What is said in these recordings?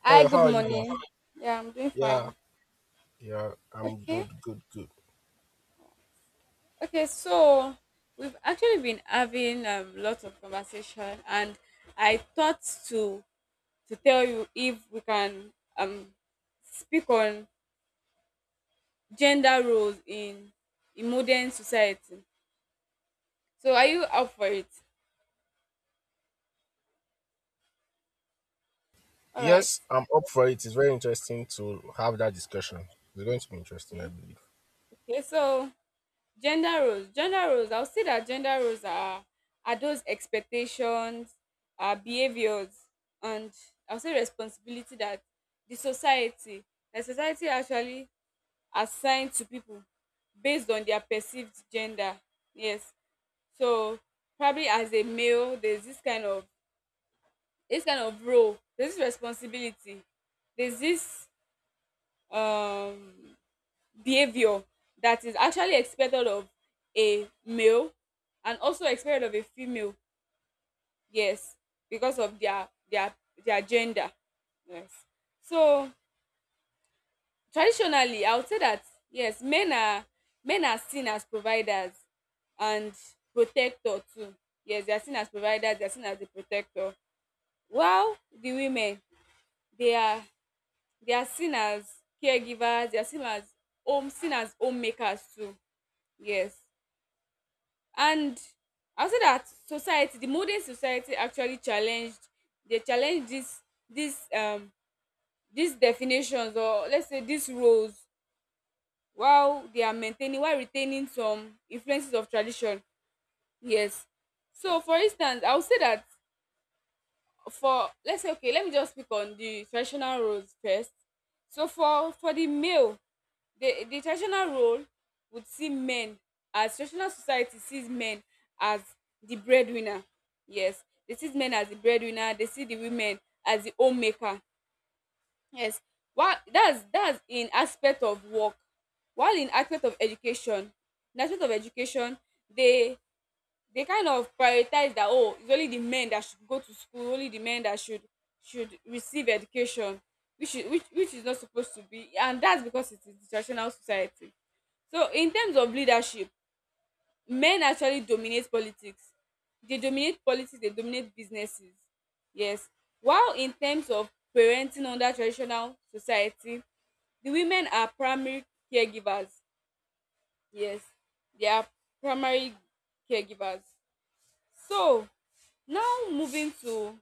Hi, Hello, how good are you doing? morning. Yeah, I'm doing Yeah, fine. yeah, I'm Okay. good, good, good. Okay, so we've actually been having lots of conversation and I thought to to tell you if we can speak on gender roles in modern society. So are you up for it? All right. Yes, I'm up for it. It's very interesting to have that discussion. It's going to be interesting, I Okay. believe. Okay, so gender roles. Gender roles, I'll say that gender roles are those expectations, behaviors and I'll say responsibility that the society the society actually assign to people based on their perceived gender. Yes. So probably as a male, there's this kind of role, there's this responsibility, there's this um behavior that is actually expected of a male and also expected of a female, yes, because of their gender. Yes. So traditionally I would say that yes, men are seen as providers and protector too. Yes, they are seen as providers, they are seen as a protector, while the women, they are they are seen as caregivers, they are seen as homemakers too. Yes. And I would say that society, the modern society, actually challenged, they challenge this this these definitions, or let's say these roles, while they are maintaining, while retaining some influences of tradition. Yes. So for instance, I would say that for, let's say, okay, let me just speak on the traditional roles first. So for the male, the traditional role would see men as, traditional society sees men as the breadwinner. Yes, they see men as the breadwinner, they see the women as the homemaker. Yes. While that's in aspect of work, while in aspect of education, in aspect of education, they they kind of prioritize that, oh, it's only the men that should go to school, only the men that should receive education, which is, which is not supposed to be, and that's because it is the traditional society. So in terms of leadership, men actually dominate politics, they dominate politics, they dominate businesses. Yes. While in terms of parenting under traditional society, the women are primary caregivers. Yes, they are primary caregivers. So now moving to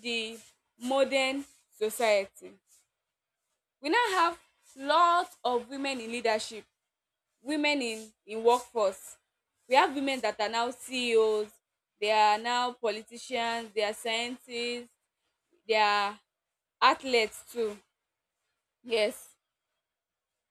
the modern society. We now have lot of women in leadership, women in workforce. We have women that are now CEOs, they are now politicians, they are scientists, they are athletes too. Yes.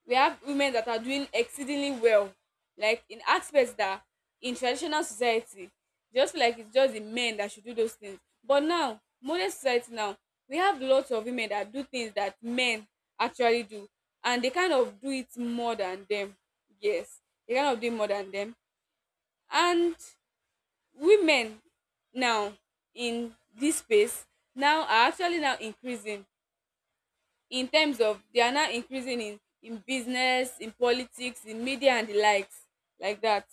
We have women that are doing exceedingly well, like in aspects that, in traditional society just feel like it's just the men that should do those things, but now modern society, now we have lots of women that do things that men actually do, and they kind of do it more than them. Yes, they kind of do it more than them. And women now in this space now are actually now increasing in terms of, they are now increasing in business, in politics, in media and the likes, like that.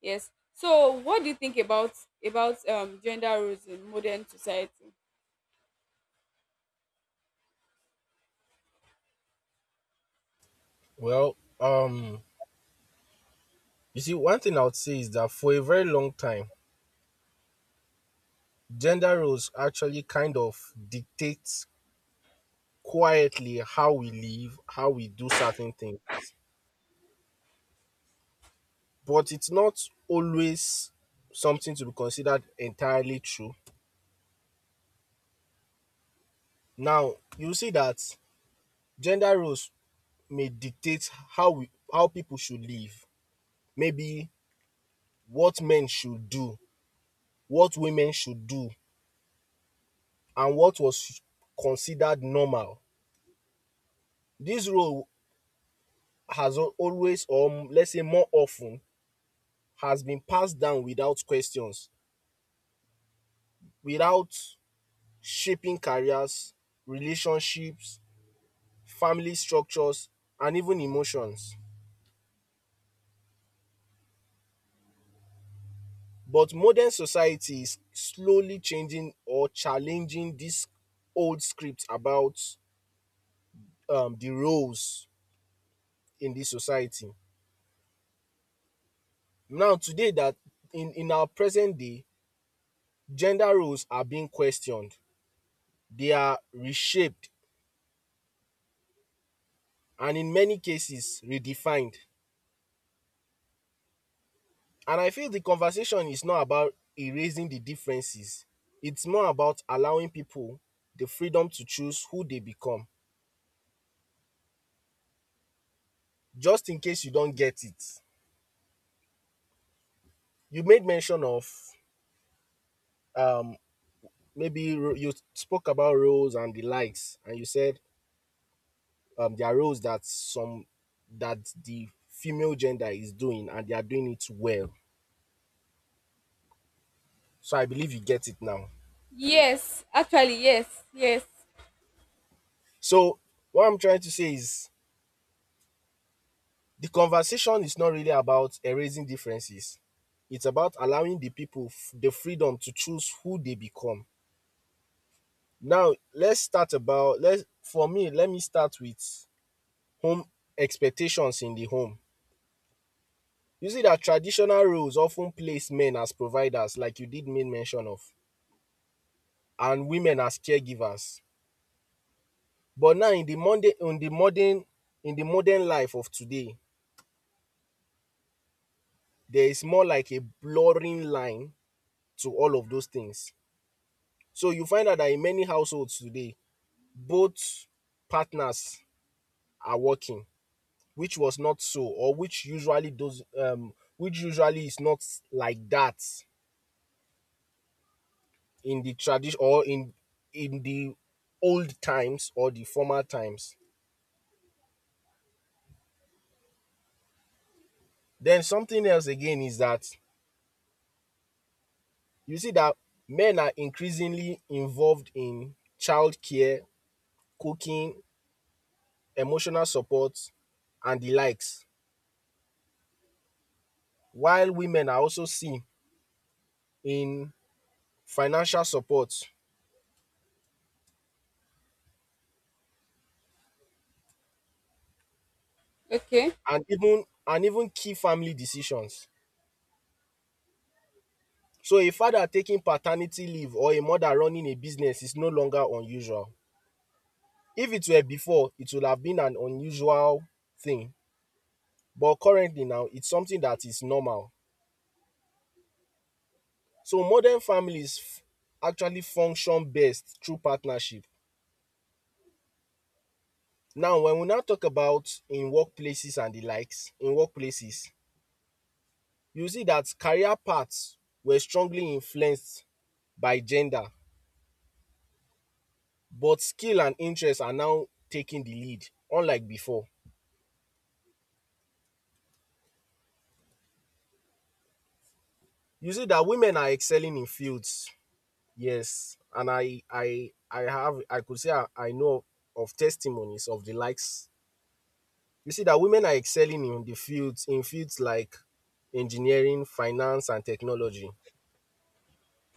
Yes. So what do you think about gender roles in modern society? Well, you see, one thing I would say is that for a very long time, gender roles actually kind of dictate quietly how we live, how we do certain things. But it's not always something to be considered entirely true. Now, you see that gender roles may dictate how people should live. Maybe what men should do, what women should do, and what was considered normal. This role has always, or let's say more often, has been passed down without questions, without shaping careers, relationships, family structures, and even emotions. But modern society is slowly changing or challenging this old script about the roles in this society now today that in our present day gender roles are being questioned, they are reshaped, and in many cases redefined. And I feel the conversation is not about erasing the differences. It's more about allowing people the freedom to choose who they become. Just in case you don't get it, you made mention of um you spoke about roles and the likes, and you said there are roles that some that the female gender is doing and they are doing it well. So I believe you get it now. Yes, actually, yes, yes. So what I'm trying to say is, the conversation is not really about erasing differences, it's about allowing the people the freedom to choose who they become. Now let's start about let's for me let me start with home, expectations in the home. You see that traditional roles often place men as providers, like you did make mention of, and women as caregivers. But now in the modern life of today, there is more like a blurring line to all of those things. So you find out that in many households today, both partners are working, which was not so, or which usually is not like that in the tradition, or in the old times or the former times. Then something else again is that you see that men are increasingly involved in childcare, cooking, emotional support and the likes, while women are also seen in financial support Okay. and even key family decisions. So a father taking paternity leave or a mother running a business is no longer unusual. If it were before, it would have been an unusual thing, but currently now it's something that is normal. So modern families actually function best through partnership. Now, when we now talk about in workplaces and the likes, in workplaces, you see that career paths were strongly influenced by gender, but skill and interest are now taking the lead, unlike before. You see that women are excelling in fields, yes, and I have, I could say I know of testimonies of the likes. You see that women are excelling in fields like engineering, finance, and technology,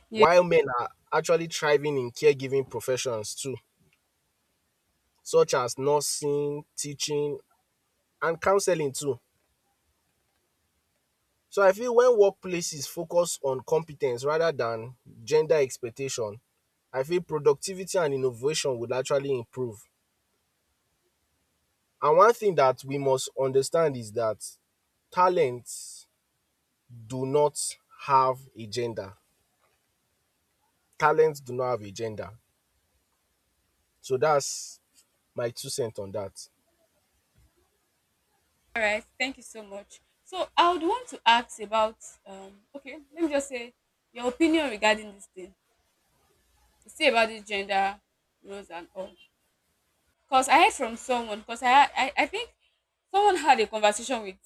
Yeah. while men are actually thriving in caregiving professions too, such as nursing, teaching, and counseling too. So I feel when workplaces focus on competence rather than gender expectation, I feel productivity and innovation would actually improve. And one thing that we must understand is that talents do not have a gender. Talents do not have a gender. So that's my two cents on that. All right, thank you so much. So I would want to ask about, okay, let me just say, your opinion regarding this thing you say about this gender roles and all. Because I heard from someone, because I think someone had a conversation with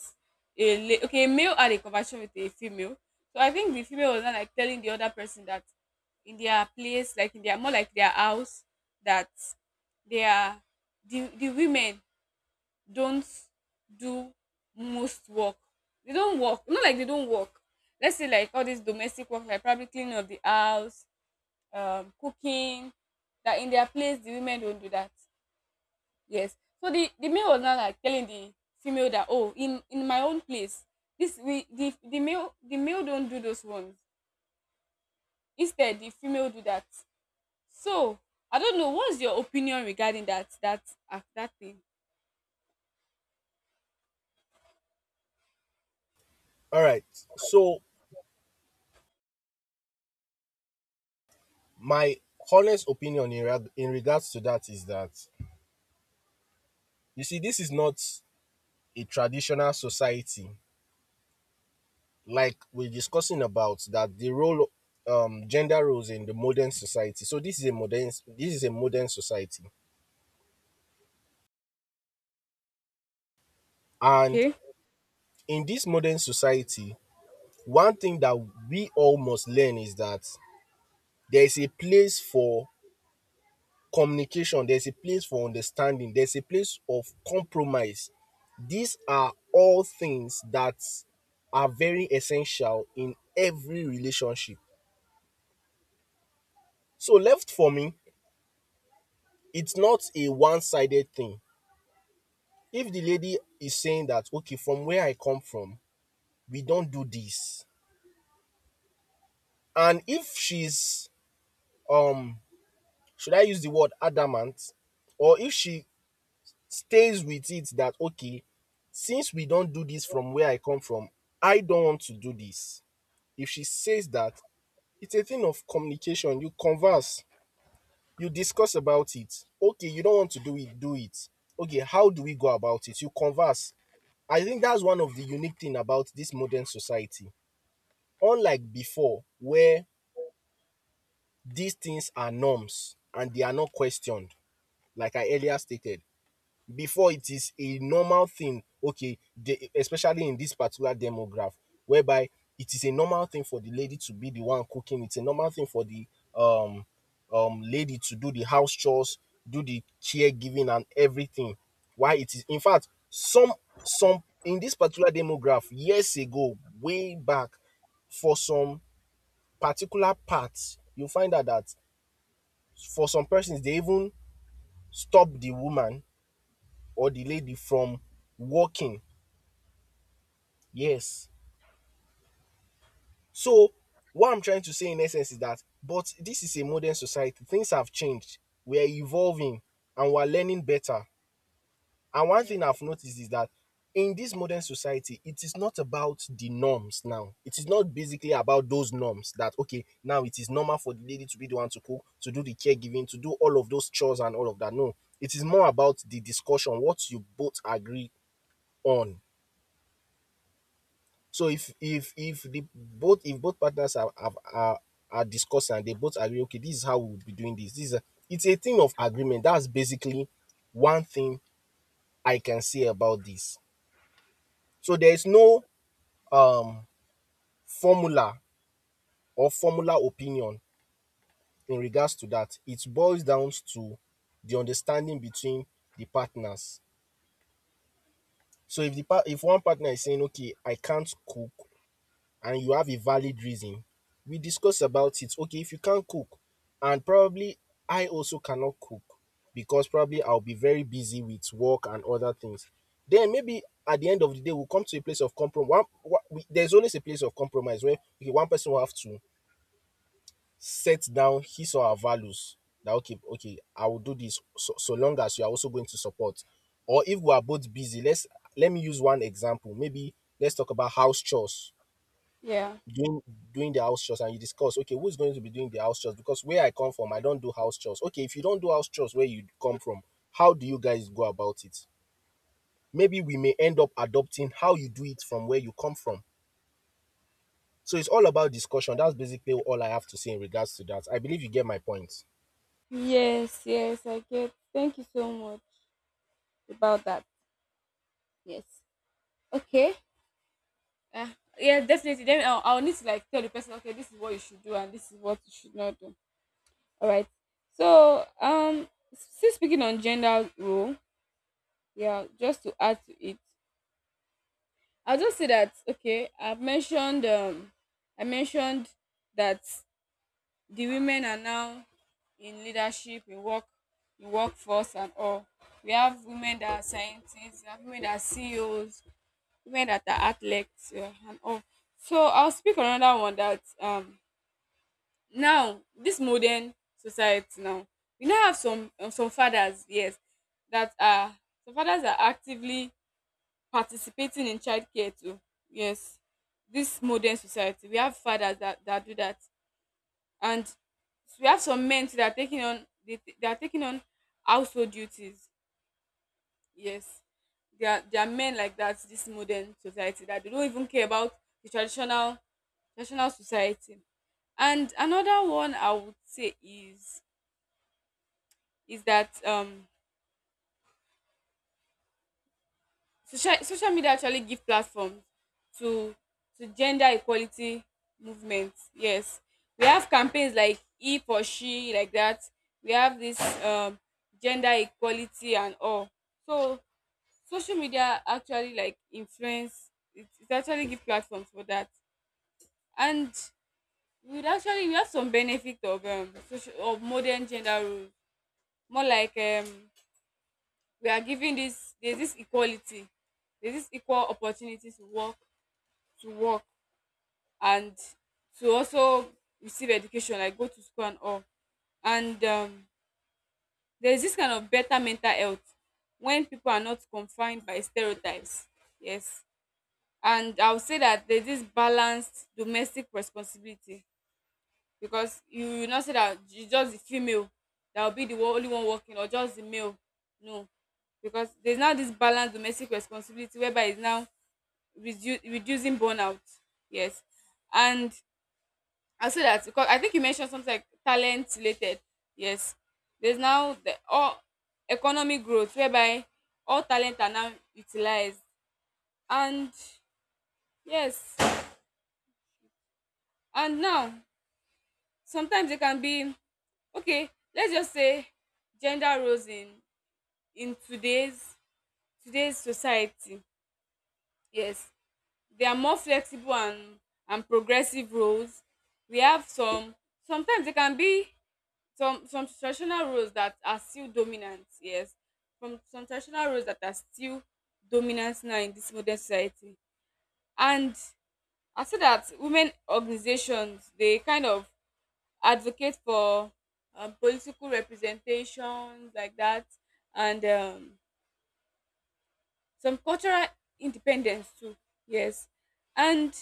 a okay, a male had a conversation with a female. So I think the female was not like telling the other person that in their place, like in their, more like their house, that they are, the women don't do most work. They don't work. Not like they don't work. Let's say like all this domestic work, like probably cleaning of the house, cooking. That in their place the women don't do that. Yes. So the male was now like telling the female that, oh, in my own place, this, we, the male, the male don't do those ones. Instead the female do that. So I don't know what's your opinion regarding that, that thing. All right. So my honest opinion in regards to that is that, you see, this is not a traditional society like we're discussing about, that the role gender roles in the modern society. So this is a modern, society. And Okay. in this modern society, one thing that we all must learn is that there is a place for communication, there's a place for understanding, there's a place of compromise. These are all things that are very essential in every relationship. So left for me, it's not a one-sided thing. If the lady is saying that, okay, from where I come from, we don't do this. And if she's um should I use the word adamant? Or if she stays with it that, okay, since we don't do this from where I come from, I don't want to do this. If she says that, it's a thing of communication. You converse. You discuss about it. Okay, you don't want to do it, do it. Okay, how do we go about it? You converse. I think that's one of the unique thing about this modern society, unlike before, where these things are norms and they are not questioned, like I earlier stated. Before, it is a normal thing, okay, especially in this particular demograph, whereby it is a normal thing for the lady to be the one cooking, it's a normal thing for the um lady to do the house chores, do the caregiving, and everything. Why, it is in fact some, in this particular demograph years ago, way back. For some particular parts, you find out that for some persons they even stop the woman or the lady from working. Yes. So what I'm trying to say in essence is that, but this is a modern society. Things have changed. We are evolving and we're learning better. And one Yes. thing I've noticed is that in this modern society, it is not about the norms now. It is not basically about those norms that, okay, now it is normal for the lady to be the one to cook, to do the caregiving, to do all of those chores and all of that. No, it is more about the discussion, what you both agree on. So if the both if both partners are have are discussed and they both agree, okay, this is how we'll be doing this. It's a thing of agreement. That's basically one thing I can say about this. So there is no um formula formula opinion in regards to that. It boils down to the understanding between the partners. So if one partner is saying, okay, I can't cook and you have a valid reason, we discuss about it. Okay, if you can't cook, and probably I also cannot cook because probably I'll be very busy with work and other things. Then maybe at the end of the day, we'll come to a place of compromise. There's always a place of compromise where, okay, one person will have to set down his or her values. That okay, okay, I will do this so, so long as you are also going to support. Or if we are both busy, let me use one example. Maybe let's talk about house chores, Yeah. doing, the house chores, and you discuss, okay, who's going to be doing the house chores, because where I come from, I don't do house chores. Okay, if you don't do house chores where you come from, how do you guys go about it? Maybe we may end up adopting how you do it from where you come from. So it's all about discussion. That's basically all I have to say in regards to that. I believe you get my point. Yes, yes, I get. Thank you so much about that. Yes. Okay. Uh, yeah, definitely. Then I'll need to like tell the person, okay, this is what you should do and this is what you should not do. All right. So, still speaking on gender role, yeah, just to add to it, I'll just say that okay, I've mentioned I mentioned that the women are now in leadership, in work, in workforce and all. We have women that are scientists, we have women that are CEOs, women that are athletes, yeah, and all. So I'll speak on another one that, now this modern society, now we now have some fathers, yes, that are, some fathers are actively participating in childcare too. Yes, this modern society, we have fathers that that do that. And we have some men too that are taking on, they are taking on household duties. Yes, there are, there are men like that, this modern society, that they don't even care about the traditional society. And another one I would say is that social media actually give platform to to gender equality movement. Yes, we have campaigns like He for She, like that. We have this gender equality and all. So social media actually like influence. It actually give platforms for that, and we would actually, we have some benefit of social of modern gender roles, more like we are given this, there's this equality, there's this equal opportunity to work, to work and to also receive education, like go to school and all. And there's this kind of better mental health when people are not confined by stereotypes. Yes. And I would say that there's this balanced domestic responsibility, because you will not say that it's just the female that will be the one, only one working, or just the male. No, because there's now this balanced domestic responsibility whereby it's now reducing burnout. Yes. And I say that because I think you mentioned something like talent related. Yes, there's now the all economic growth whereby all talent are now utilized. And yes. And now sometimes it can be, okay, let's just say gender roles in today's today's society. Yes, there are more flexible and progressive roles. We have some, sometimes there can be some traditional roles that are still dominant. Yes, from some traditional roles that are still dominant now in this modern society. And I see that women organizations, they kind of advocate for political representations, like that. And some cultural independence too. Yes. And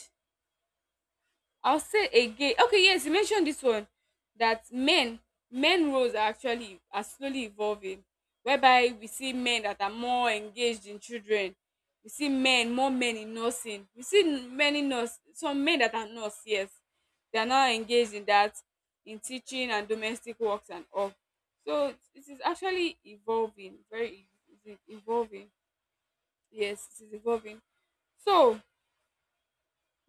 I'll say again, okay, yes, you mentioned this one, that men, men roles are actually are slowly evolving, whereby we see men that are more engaged in children, we see men, more men in nursing, we see many nurse, some men that are nurse. Yes, they are now engaged in that, in teaching and domestic works and all. So it is actually evolving, very evolving. Yes, it is evolving. So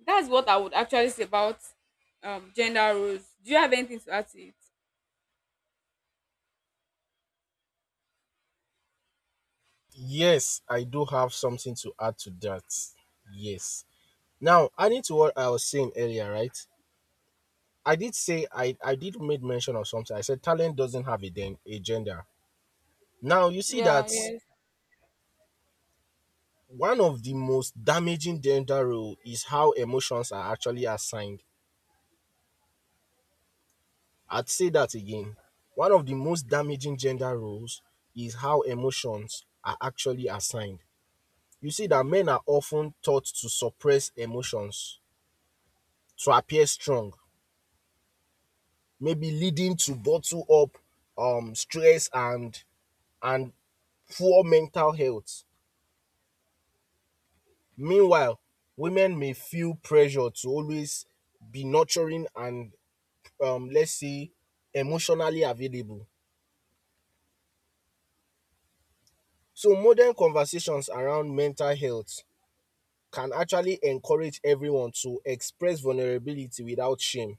that's what I would actually say about gender roles. Do you have anything to add to it? Yes, I do have something to add to that. Yes. Now, adding to what I was saying earlier, right, I did say, I did made mention of something. I said talent doesn't have a, a gender. Now you see Yeah, that yes. one of the most damaging gender role is how emotions are actually assigned. I'd say that again. One of the most damaging gender roles is how emotions are actually assigned. You see that men are often taught to suppress emotions to appear strong, maybe leading to bottle up stress and and poor mental health. Meanwhile, women may feel pressure to always be nurturing and let's see. Emotionally available. So modern conversations around mental health can actually encourage everyone to express vulnerability without shame.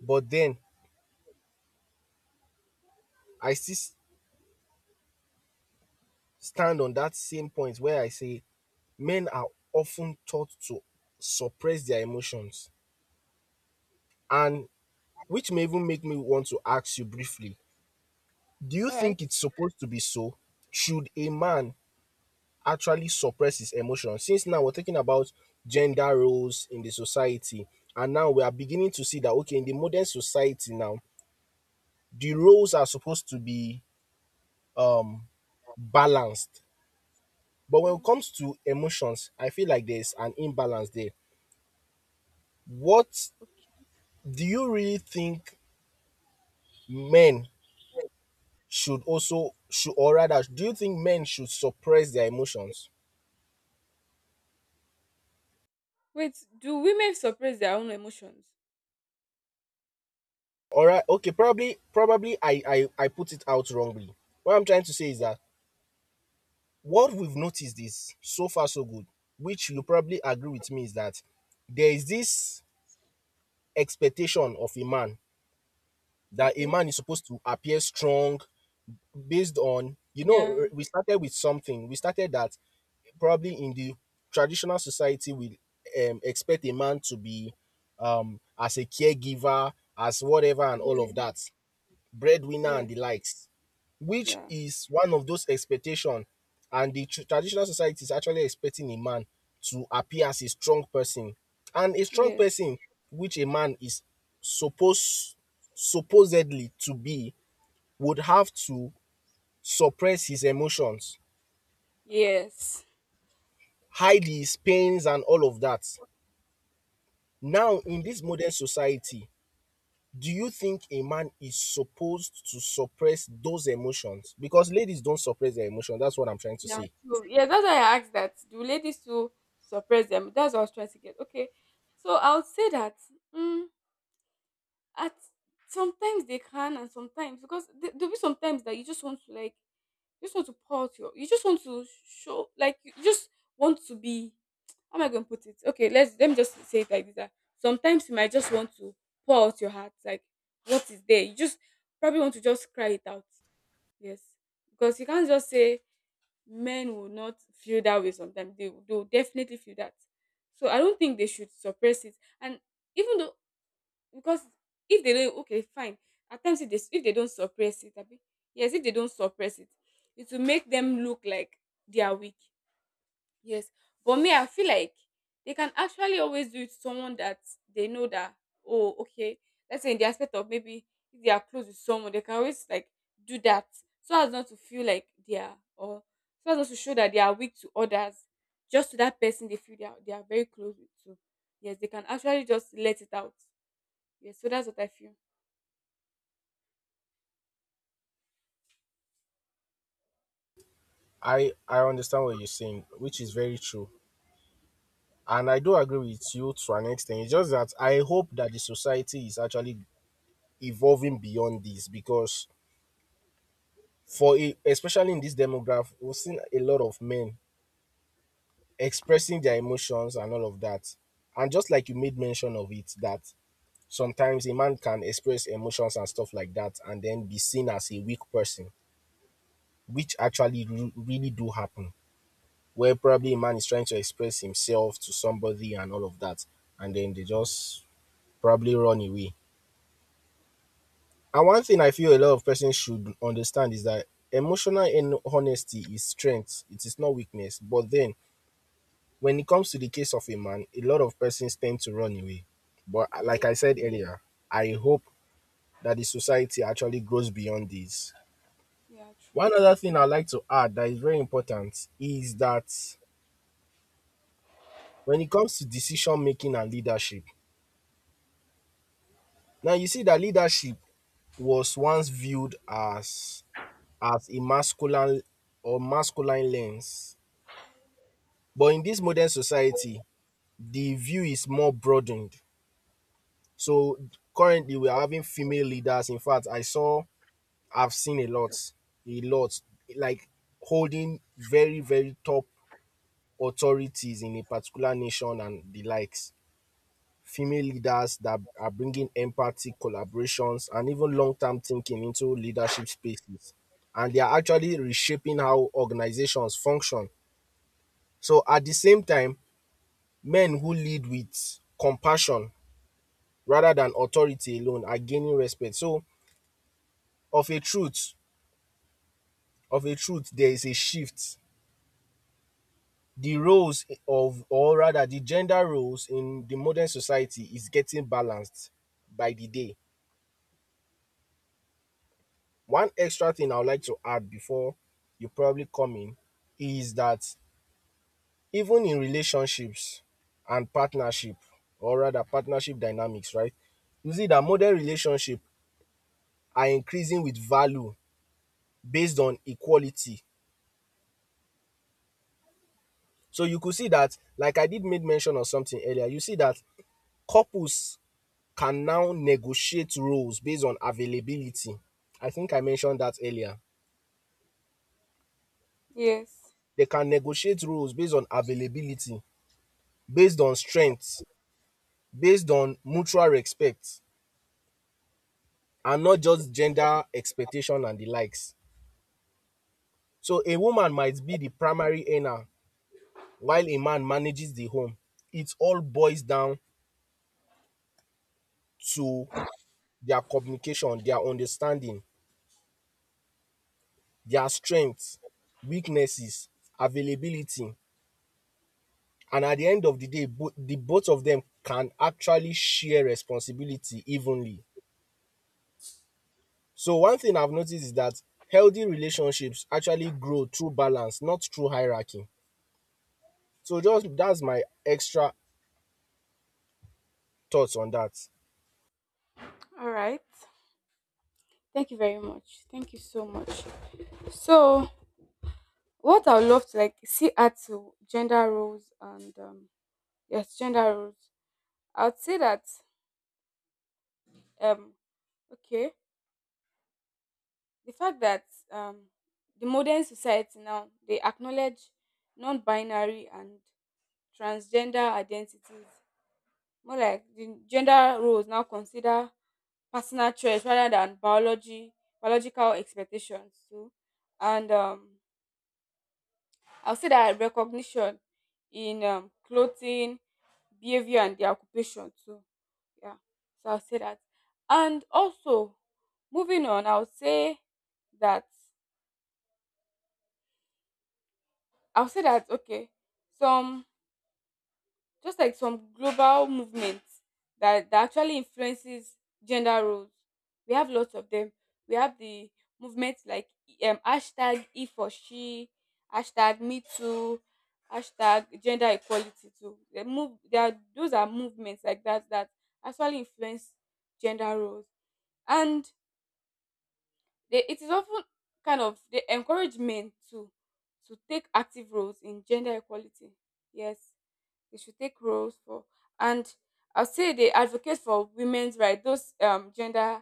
But then I still stand on that same point where I say men are often taught to suppress their emotions, and which may even make me want to ask you briefly, do you All right. think it's supposed to be so? Should a man actually suppress his emotions? Since now we're talking about gender roles in the society, and now we are beginning to see that, okay, in the modern society now, the roles are supposed to be um balanced. But when Yeah. it comes to emotions, I feel like there's an imbalance there. What Okay. do you really think, men should, also should, or rather, do you think men should suppress their emotions? Wait, do women suppress their own emotions? All right, okay, probably I put it out wrongly. What I'm trying to say is that what we've noticed is so far so good, which you probably agree with me, is that there is this expectation of a man that a Okay. man is supposed to appear strong based on Yeah. we started with something. We started that probably in the traditional society we expect a man to be as a caregiver, as whatever and all of Yeah. that, breadwinner and Yes. the likes, which Yeah. is one of those expectations, and the traditional society is actually expecting a man to appear as a strong person. And a strong Yes. person which a man is supposed supposedly to be would have to suppress his emotions, Yes. hide his pains and all of that. Now in this modern society, do you think a man is supposed to suppress those emotions, because ladies don't suppress their emotions? That's what I'm trying to Yeah, say. true. Yeah, that's why I asked that. Do ladies too suppress them? That's what I was trying to get. Okay. So I would say that mm, at sometimes they can and sometimes, because there'll be sometimes that you just want to like, you just want to pour out your, you just want to show like, you just want to be, how am I gonna put it? Okay, let's, let me just say it like this. That sometimes you might just want to pour out your heart, like what is there. You just probably want to just cry it out. Yes. Because you can't just say men will not feel that way sometimes. They will definitely feel that. So I don't think they should suppress it. And even though, because if they don't, okay fine, at times if they, if they don't suppress it, abi, yes, if they don't suppress it, it will make them look like they are weak. Yes. But me, I feel like they can actually always do it to someone that they know that, oh okay, let's say in the aspect of maybe if they are close with someone, they can always like do that, so as not to feel like they are, or so as not to show that they are weak to others, just to that person they feel they are very close with too. Yes, they can actually just let it out. Yes, so that's what I feel. I understand what you're saying, which is very true, and I do agree with you to an extent. It's just that I hope that the society is actually evolving beyond this, because for a, especially in this demographic, we've seen a lot of men expressing their emotions and all of that. And just like you made mention of it, that sometimes a man can express emotions and stuff like that, and then be seen as a weak person, which actually really do happen, where probably a man is trying to express himself to somebody and all of that, and then they just probably run away. And one thing I feel a lot of persons should understand is that emotional and honesty is strength, it is not weakness. But then when it comes to the case of a man, a lot of persons tend to run away. But Yeah, like I said earlier, I hope that the society actually grows beyond this. yeah, One true. other thing I'd like to add that is very important is that when it comes to decision making and leadership, now you see that leadership was once viewed as a masculine or masculine lens, but in this modern society, the view is more broadened. So currently, we are having female leaders. In fact, I saw, I've seen a lot, like, holding very, very top authorities in a particular nation and the likes. Female leaders that are bringing empathy, collaborations, and even long term thinking into leadership spaces. And they are actually reshaping how organizations function. So, at the same time, men who lead with compassion rather than authority alone are gaining respect. So, of a truth, of a truth, there is a shift. The roles of, or rather, the gender roles in the modern society is getting balanced by the day. One extra thing I would like to add before you probably come in is that even in relationships and partnership, or rather partnership dynamics, right? You see that modern relationships are increasing with value based on equality. So you could see that, like I did made mention of something earlier, you see that couples can now negotiate roles based on availability. I think I mentioned that earlier. Yes. They can negotiate roles based on availability, based on strength, based on mutual respect, and not just gender expectation and the likes. So a woman might be the primary earner while a man manages the home. It all boils down to their communication, their understanding, their strengths, weaknesses, availability. And at the end of the day, the both of them can actually share responsibility evenly. So one thing I've noticed is that healthy relationships actually grow through balance, not through hierarchy. So just that's my extra thoughts on that. All right. Thank you very much. Thank you so much. So, what I would love to like see at to gender roles and yes, gender roles. I would say that um okay, the fact that um the modern society now they acknowledge non-binary and transgender identities, more like the gender roles now consider personal choice rather than biology, biological expectations too. And I'll say that recognition in clothing, behavior and their occupation too. Yeah. So I'll say that. And also, moving on, I'll say that, I'll say that okay, some, just like some global movements that actually influences gender roles. We have lots of them. We have the movements like hashtag If or She, hashtag Me Too, hashtag gender equality too. They move, they are, those are movements like that that actually influence gender roles. And they, it is often kind of, they encourage men to take active roles in gender equality. Yes, they should take roles for. And I'll say they advocate for women's rights, those gender,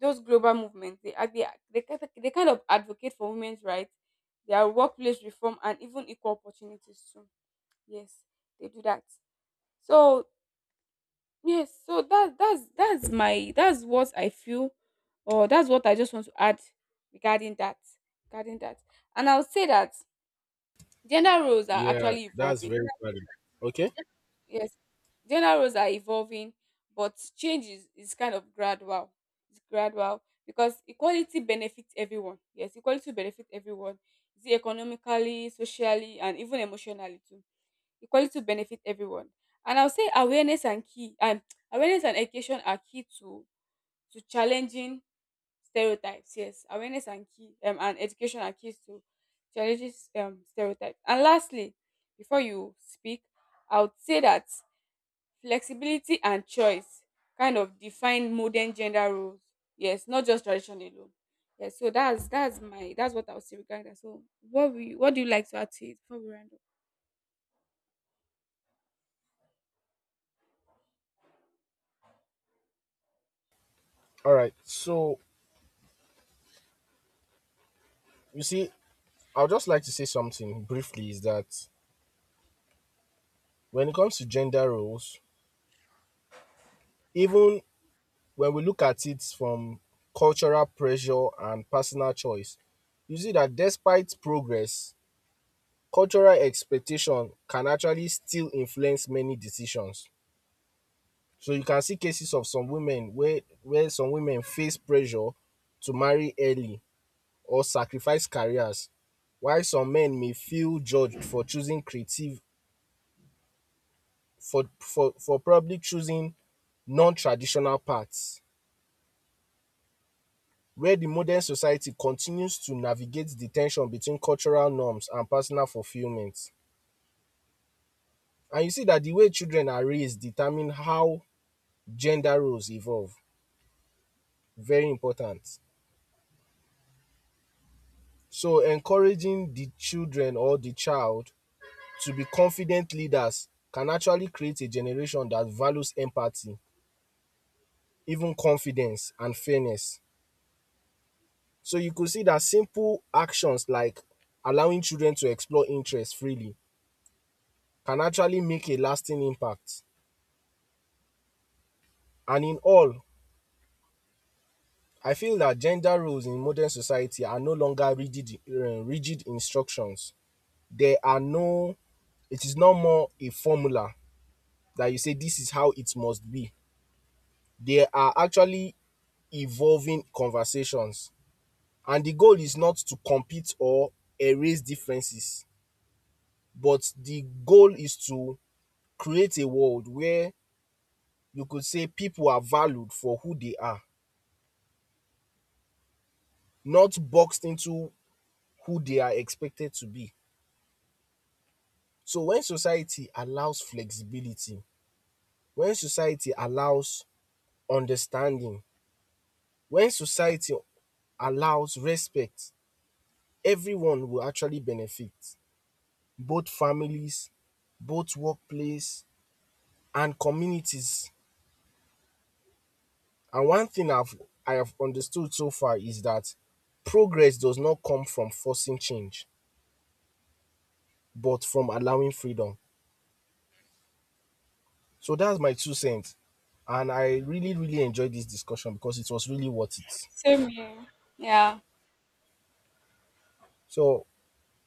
those global movements, they kind of advocate for women's rights, their workplace reform and even equal opportunities too. Yes, they do that. So yes, so that's what I feel, or that's what I just want to add regarding that. And I'll say that gender roles are Yeah, actually that's evolving. very valid. Okay. Yes, gender roles are evolving, but change is kind of gradual. It's gradual because equality benefits everyone. Yes, equality benefits everyone. Is it economically, socially, and even emotionally too. Equality benefits everyone. And I'll say awareness and key, and awareness and education are key to challenging stereotypes. Yes, awareness and key, and education are keys to challenging stereotypes. And lastly, before you speak, I would say that flexibility and choice kind of define modern gender roles. Yes, not just tradition alone. Yes, so that's what I would say regarding that. So what we, what do you like to add to it before we round up? All right. So you see, I'd just like to say something briefly is that when it comes to gender roles, even when we look at it from cultural pressure and personal choice, you see that despite progress, cultural expectation can actually still influence many decisions. So you can see cases of some women where some women face pressure to marry early or sacrifice careers, while some men may feel judged for choosing creative, for probably choosing non-traditional paths. Where the modern society continues to navigate the ten sion between cultural norms and personal fulfillment. And you see that the way children are raised determine how gender roles evolve. Very important. So encouraging the children or the child to be confident leaders can actually create a generation that values empathy, even confidence and fairness. So you could see that simple actions like allowing children to explore interests freely can actually make a lasting impact. And in all, I feel that gender roles in modern society are no longer rigid rigid instructions. There are no, it is no more a formula that you say this is how it must be. They are actually evolving conversations, and the goal is not to compete or erase differences, but the goal is to create a world where you could say people are valued for who they are, not boxed into who they are expected to be. So when society allows flexibility, when society allows understanding, when society allows respect, everyone will actually benefit. Both families, both workplace and communities. And one thing I have understood so far is that progress does not come from forcing change, but from allowing freedom. So that's my two cents. And I really, really enjoyed this discussion because it was really worth it. Same here. Yeah. So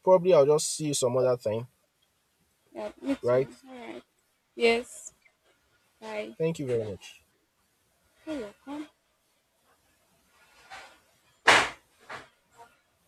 probably I'll just see you some other time, Yeah, me right? too. All right. Yes. Bye. Thank you very much. You're welcome.